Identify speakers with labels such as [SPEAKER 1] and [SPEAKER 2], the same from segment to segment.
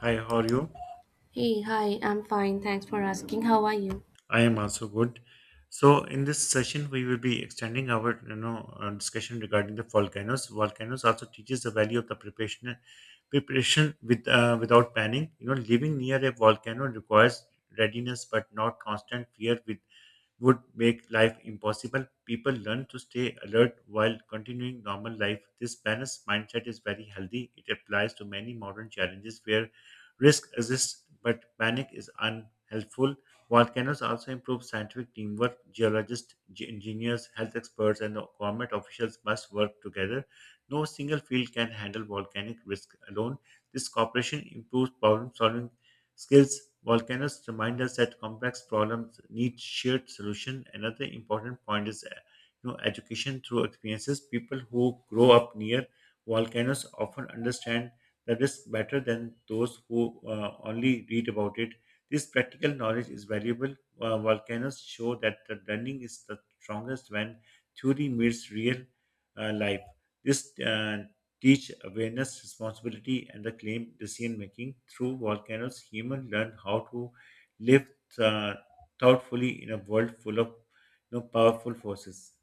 [SPEAKER 1] Hi, how are you?
[SPEAKER 2] Hey, hi, I'm fine. Thanks for asking. How are you?
[SPEAKER 1] I am also good. So, in this session, we will be extending our discussion regarding the volcanoes. Volcanoes also teaches the value of the preparation, preparation with without planning. You know, living near a volcano requires readiness, but not constant fear with would make life impossible. People learn to stay alert while continuing normal life. This balanced mindset is very healthy. It applies to many modern challenges where risk exists but panic is unhelpful. Volcanoes also improve scientific teamwork. Geologists, engineers, health experts, and government officials must work together. No single field can handle volcanic risk alone. This cooperation improves problem solving skills. Volcanoes remind us that complex problems need shared solution. Another important point is education through experiences. People who grow up near volcanoes often understand the risk better than those who only read about it. This practical knowledge is valuable. Volcanoes show that the learning is the strongest when theory meets real life. This teach awareness, responsibility, and the claim decision making. Through volcanoes, humans learn how to live uh, thoughtfully in a world full of powerful forces.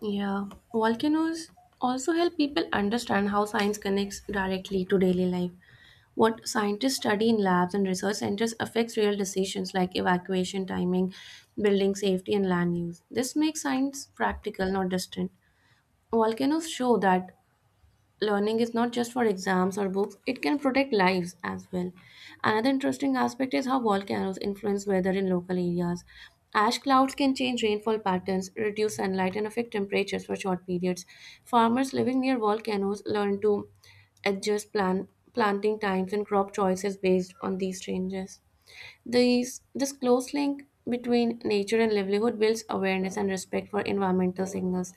[SPEAKER 2] Yeah, volcanoes also help people understand how science connects directly to daily life. What scientists study in labs and research centers affects real decisions like evacuation timing, building safety, and land use. This makes science practical, not distant. Volcanoes show that learning is not just for exams or books, it can protect lives as well. Another interesting aspect is how volcanoes influence weather in local areas. Ash clouds can change rainfall patterns, reduce sunlight, and affect temperatures for short periods. Farmers living near volcanoes learn to adjust planting times and crop choices based on these changes. This close link between nature and livelihood builds awareness and respect for environmental signals.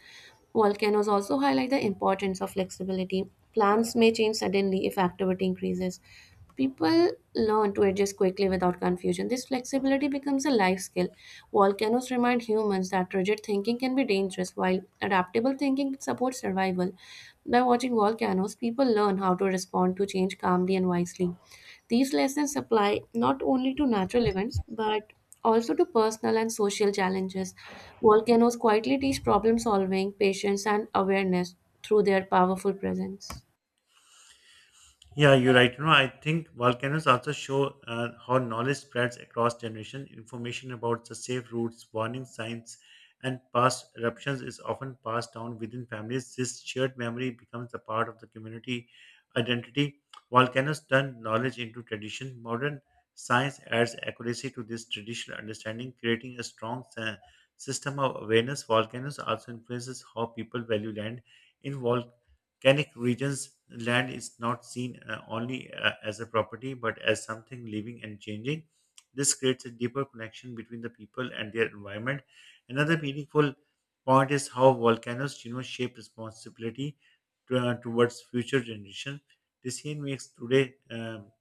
[SPEAKER 2] Volcanoes also highlight the importance of flexibility. Plans may change suddenly if activity increases. People learn to adjust quickly without confusion. This flexibility becomes a life skill. Volcanoes remind humans that rigid thinking can be dangerous, while adaptable thinking supports survival. By watching volcanoes, people learn how to respond to change calmly and wisely. These lessons apply not only to natural events but also to personal and social challenges. Volcanoes quietly teach problem solving, patience, and awareness through their powerful presence.
[SPEAKER 1] Yeah, you're right. I think volcanoes also show how knowledge spreads across generation. Information about the safe routes, warning signs, and past eruptions is often passed down within families. This shared memory becomes a part of the community identity. Volcanoes turn knowledge into tradition. Modern science adds accuracy to this traditional understanding, creating a strong system of awareness. Volcanoes also influences how people value land. In Canic regions land is not seen only as a property but as something living and changing. This creates a deeper connection between the people and their environment. Another meaningful point is how volcanoes shape responsibility towards future generation. Decision makes today,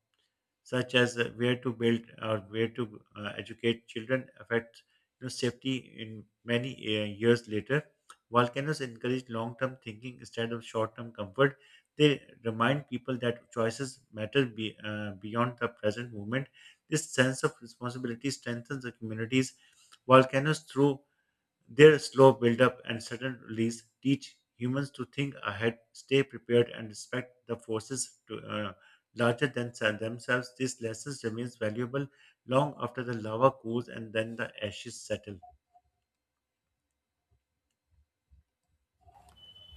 [SPEAKER 1] such as where to build or where to educate children affects, safety in many years later. Volcanoes encourage long-term thinking instead of short-term comfort. They remind people that choices matter beyond the present moment. This sense of responsibility strengthens the communities. Volcanoes, through their slow build-up and sudden release, teach humans to think ahead, stay prepared, and respect the forces larger than themselves. This lesson remains valuable long after the lava cools and then the ashes settle.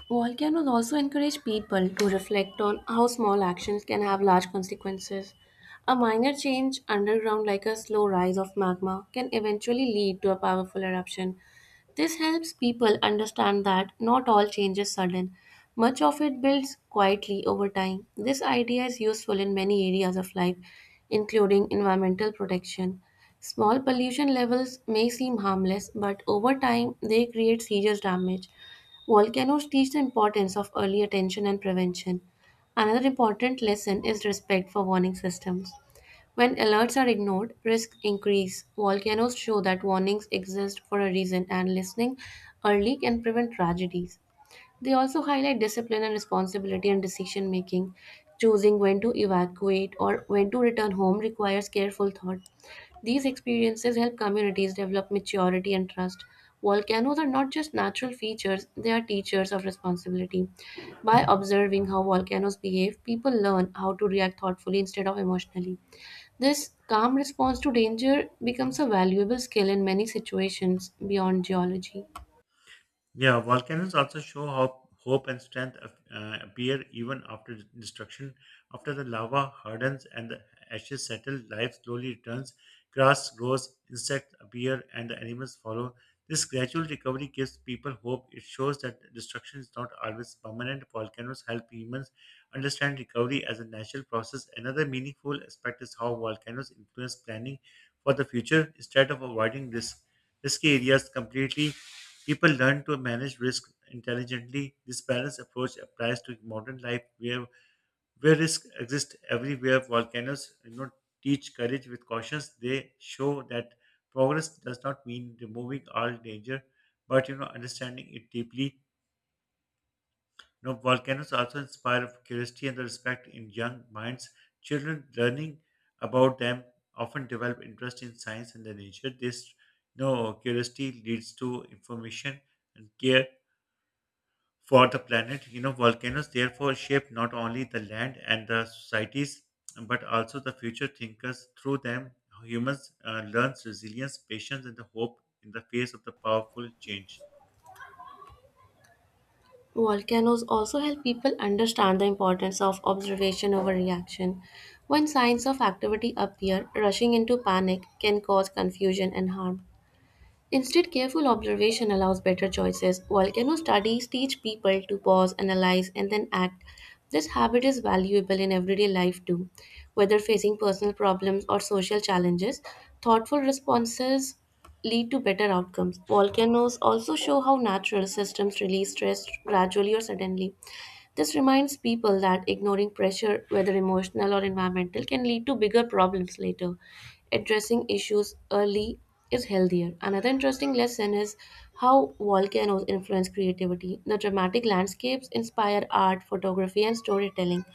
[SPEAKER 2] Volcanoes also encourage people to reflect on how small actions can have large consequences. A minor change underground, like a slow rise of magma, can eventually lead to a powerful eruption. This helps people understand that not all change is sudden. Much of it builds quietly over time. This idea is useful in many areas of life, including environmental protection. Small pollution levels may seem harmless, but over time they create serious damage. Volcanoes teach the importance of early attention and prevention. Another important lesson is respect for warning systems. When alerts are ignored, risks increase. Volcanoes show that warnings exist for a reason, and listening early can prevent tragedies. They also highlight discipline and responsibility in decision making. Choosing when to evacuate or when to return home requires careful thought. These experiences help communities develop maturity and trust. Volcanoes are not just natural features, they are teachers of responsibility. By observing how volcanoes behave, people learn how to react thoughtfully instead of emotionally. This calm response to danger becomes a valuable skill in many situations beyond geology.
[SPEAKER 1] Yeah, volcanoes also show how hope and strength appear even after destruction. After the lava hardens and the ashes settle, life slowly returns. Grass grows, insects appear, and the animals follow. This gradual recovery gives people hope. It shows that destruction is not always permanent. Volcanoes help humans understand recovery as a natural process. Another meaningful aspect is how volcanoes influence planning for the future. Instead of avoiding risk, risky areas completely, people learn to manage risk intelligently. This balanced approach applies to modern life where risk exists everywhere. Volcanoes do not teach courage with cautions. They show that progress does not mean removing all danger, but, understanding it deeply. Volcanoes also inspire curiosity and the respect in young minds. Children learning about them often develop interest in science and the nature. This curiosity leads to information and care for the planet. Volcanoes therefore shape not only the land and the societies, but also the future thinkers. Through them, humans learn resilience, patience, and the hope in the face of the powerful change.
[SPEAKER 2] Volcanoes also help people understand the importance of observation over reaction. When signs of activity appear, rushing into panic can cause confusion and harm. Instead, careful observation allows better choices. Volcano studies teach people to pause, analyze, and then act. This habit is valuable in everyday life too. Whether facing personal problems or social challenges, thoughtful responses lead to better outcomes. Volcanoes also show how natural systems release stress gradually or suddenly. This reminds people that ignoring pressure, whether emotional or environmental, can lead to bigger problems later. Addressing issues early is healthier. Another interesting lesson is how volcanoes influence creativity. The dramatic landscapes inspire art, photography, and storytelling.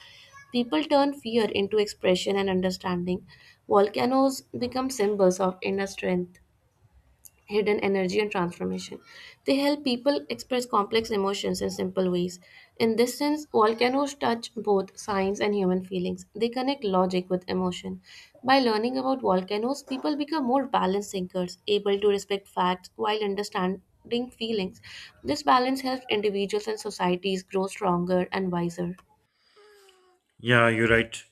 [SPEAKER 2] People turn fear into expression and understanding. Volcanoes become symbols of inner strength, hidden energy and transformation. They help people express complex emotions in simple ways. In this sense, volcanoes touch both science and human feelings. They connect logic with emotion. By learning about volcanoes, people become more balanced thinkers, able to respect facts while understanding feelings. This balance helps individuals and societies grow stronger and wiser.
[SPEAKER 1] Yeah, you're right.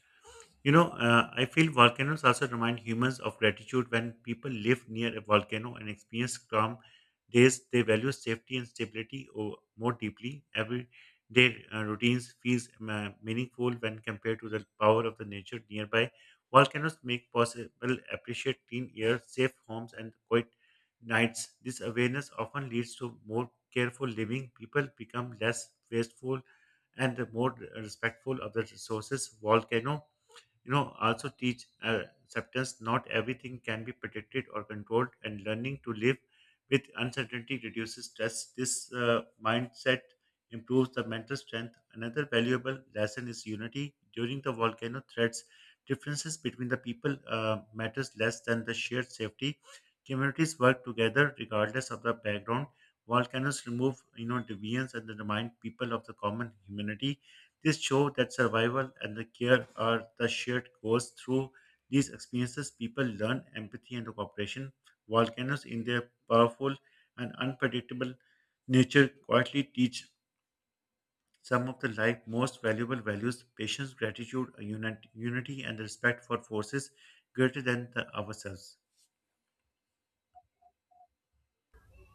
[SPEAKER 1] I feel volcanoes also remind humans of gratitude when people live near a volcano and experience calm days. They value safety and stability more deeply. Every day routines feels meaningful when compared to the power of the nature nearby. Volcanoes make possible appreciate clean air, safe homes, and quiet nights. This awareness often leads to more careful living. People become less wasteful and more respectful of the resources volcano also teach acceptance. Not everything can be predicted or controlled, and learning to live with uncertainty reduces stress. This mindset improves the mental strength. Another valuable lesson is unity during the volcano threats. Differences between the people matters less than the shared safety. Communities work together regardless of the background. Volcanoes remove, deviance, and remind people of the common humanity. This show that survival and the care are the shared goals. Through these experiences, people learn empathy and cooperation. Volcanoes, in their powerful and unpredictable nature, quietly teach some of the life most valuable values: patience, gratitude, unit, unity, and respect for forces greater than the ourselves.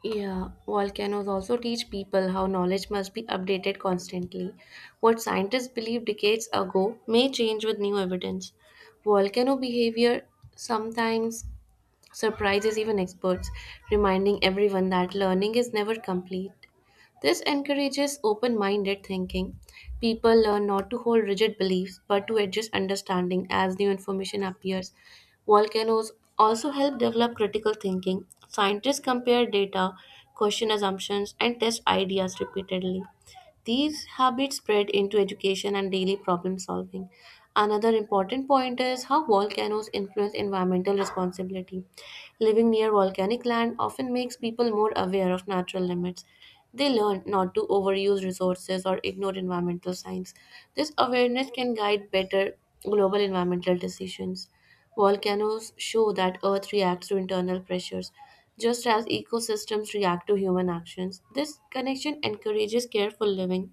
[SPEAKER 2] Yeah, volcanoes also teach people how knowledge must be updated constantly. What scientists believed decades ago may change with new evidence. Volcano behavior sometimes surprises even experts, reminding everyone that learning is never complete. This encourages open minded thinking. People learn not to hold rigid beliefs but to adjust understanding as new information appears. Volcanoes also help develop critical thinking. Scientists compare data, question assumptions, and test ideas repeatedly. These habits spread into education and daily problem solving. Another important point is how volcanoes influence environmental responsibility. Living near volcanic land often makes people more aware of natural limits. They learn not to overuse resources or ignore environmental signs. This awareness can guide better global environmental decisions. Volcanoes show that Earth reacts to internal pressures, just as ecosystems react to human actions. This connection encourages careful living.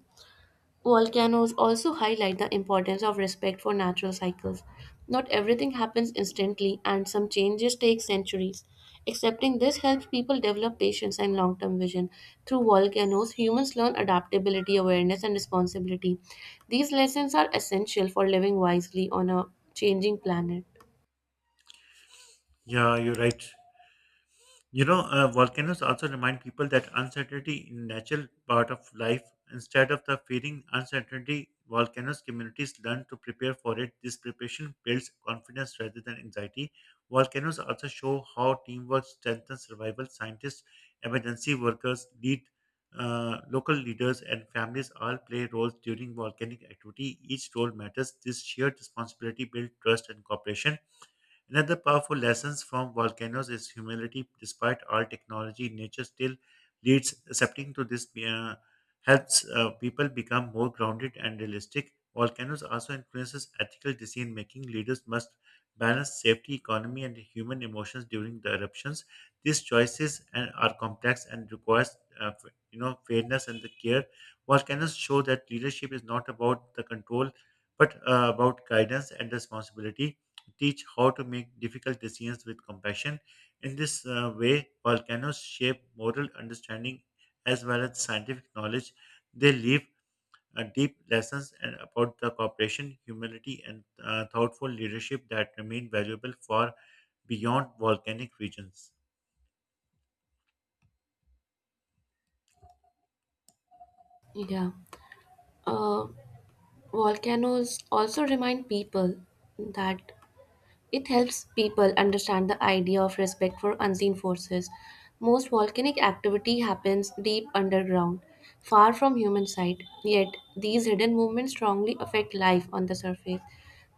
[SPEAKER 2] Volcanoes also highlight the importance of respect for natural cycles. Not everything happens instantly, and some changes take centuries. Accepting this helps people develop patience and long term vision. Through volcanoes, humans learn adaptability, awareness, and responsibility. These lessons are essential for living wisely on a changing planet.
[SPEAKER 1] Yeah, you're right. Volcanoes also remind people that uncertainty is natural part of life. Instead of the fearing uncertainty, volcanoes communities learn to prepare for it. This preparation builds confidence rather than anxiety. Volcanoes also show how teamwork strengthens survival. Scientists, emergency workers, lead local leaders, and families all play roles during volcanic activity. Each role matters. This shared responsibility builds trust and cooperation. Another powerful lesson from volcanoes is humility. Despite all technology, nature still leads. Accepting to this helps people become more grounded and realistic. Volcanoes also influences ethical decision making. Leaders must balance safety, economy, and human emotions during the eruptions. These choices and are complex and requires fairness and the care. Volcanoes show that leadership is not about the control, but about guidance and responsibility teach how to make difficult decisions with compassion. In this way, volcanoes shape moral understanding as well as scientific knowledge. They leave deep lessons and about the cooperation, humility, and thoughtful leadership that remain valuable for beyond volcanic regions.
[SPEAKER 2] Yeah. Uh, Volcanoes also remind people that it helps people understand the idea of respect for unseen forces. Most volcanic activity happens deep underground, far from human sight, yet, these hidden movements strongly affect life on the surface.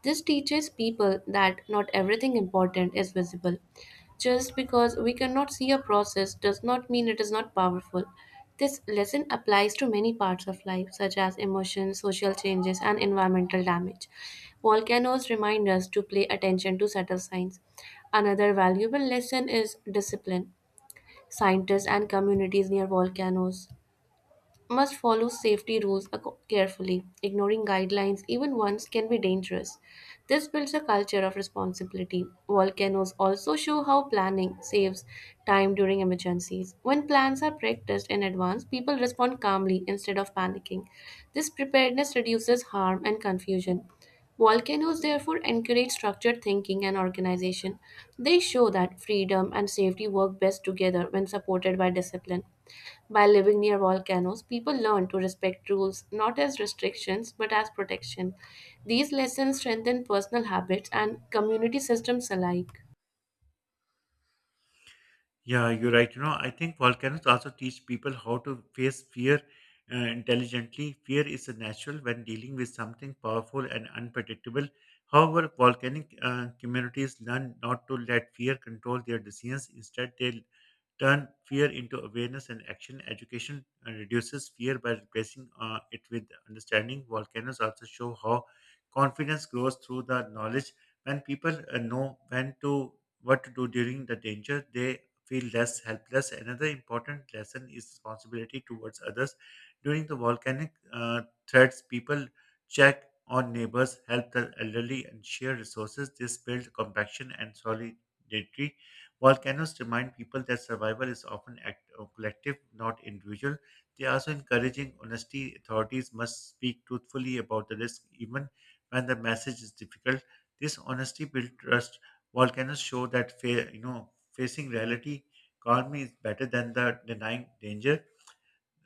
[SPEAKER 2] This teaches people that not everything important is visible, just because we cannot see a process does not mean it is not powerful. This lesson applies to many parts of life, such as emotions, social changes, and environmental damage. Volcanoes remind us to pay attention to subtle signs. Another valuable lesson is discipline. Scientists and communities near volcanoes must follow safety rules carefully. Ignoring guidelines, even once, can be dangerous. This builds a culture of responsibility. Volcanoes also show how planning saves time during emergencies. When plans are practiced in advance, people respond calmly instead of panicking. This preparedness reduces harm and confusion. Volcanoes therefore encourage structured thinking and organization. They show that freedom and safety work best together when supported by discipline. By living near volcanoes, people learn to respect rules not as restrictions but as protection. These lessons strengthen personal habits and community systems alike.
[SPEAKER 1] Yeah, you're right. I think volcanoes also teach people how to face fear intelligently. Fear is a natural when dealing with something powerful and unpredictable. However, volcanic communities learn not to let fear control their decisions. Instead, they turn fear into awareness and action. Education reduces fear by replacing it with understanding. Volcanoes also show how confidence grows through the knowledge. When people know when to what to do during the danger, they feel less helpless. Another important lesson is responsibility towards others. During the volcanic threats, people check on neighbors, help the elderly, and share resources. This builds compassion and solidarity. Volcanoes remind people that survival is often act of collective, not individual. They are also encouraging honesty. Authorities must speak truthfully about the risk, even when the message is difficult. This honesty builds trust. Volcanoes show that facing reality calmly is better than the denying danger.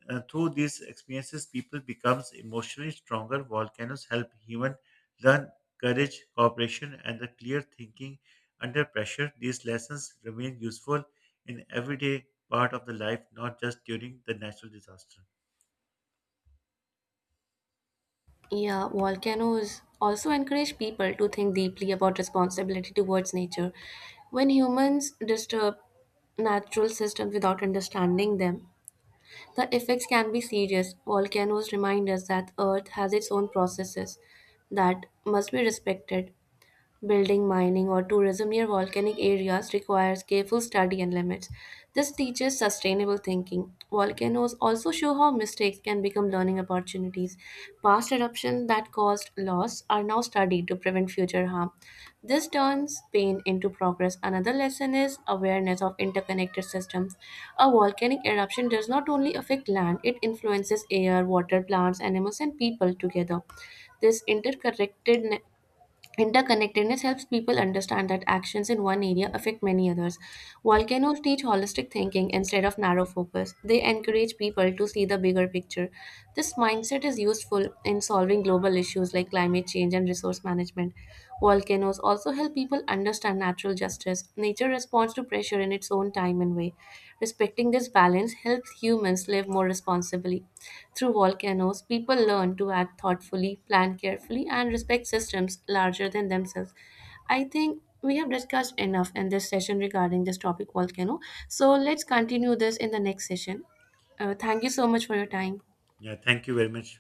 [SPEAKER 1] Through these experiences, people becomes emotionally stronger. Volcanoes help human learn courage, cooperation, and the clear thinking under pressure. These lessons remain useful in everyday part of the life, not just during the natural disaster.
[SPEAKER 2] Yeah, volcanoes also encourage people to think deeply about responsibility towards nature. When humans disturb natural systems without understanding them, the effects can be serious. Volcanoes remind us that Earth has its own processes that must be respected. Building, mining, or tourism near volcanic areas requires careful study and limits. This teaches sustainable thinking. Volcanoes also show how mistakes can become learning opportunities. Past eruptions that caused loss are now studied to prevent future harm. This turns pain into progress. Another lesson is awareness of interconnected systems. A volcanic eruption does not only affect land, it influences air, water, plants, animals, and people together. This interconnected Interconnectedness helps people understand that actions in one area affect many others. Volcanoes teach holistic thinking instead of narrow focus. They encourage people to see the bigger picture. This mindset is useful in solving global issues like climate change and resource management. Volcanoes also help people understand natural justice. Nature responds to pressure in its own time and way. Respecting this balance helps humans live more responsibly. Through volcanoes, people learn to act thoughtfully, plan carefully, and respect systems larger than themselves. I think we have discussed enough in this session regarding this topic volcano. So let's continue this in the next session. Thank you so much for your time.
[SPEAKER 1] Yeah, thank you very much.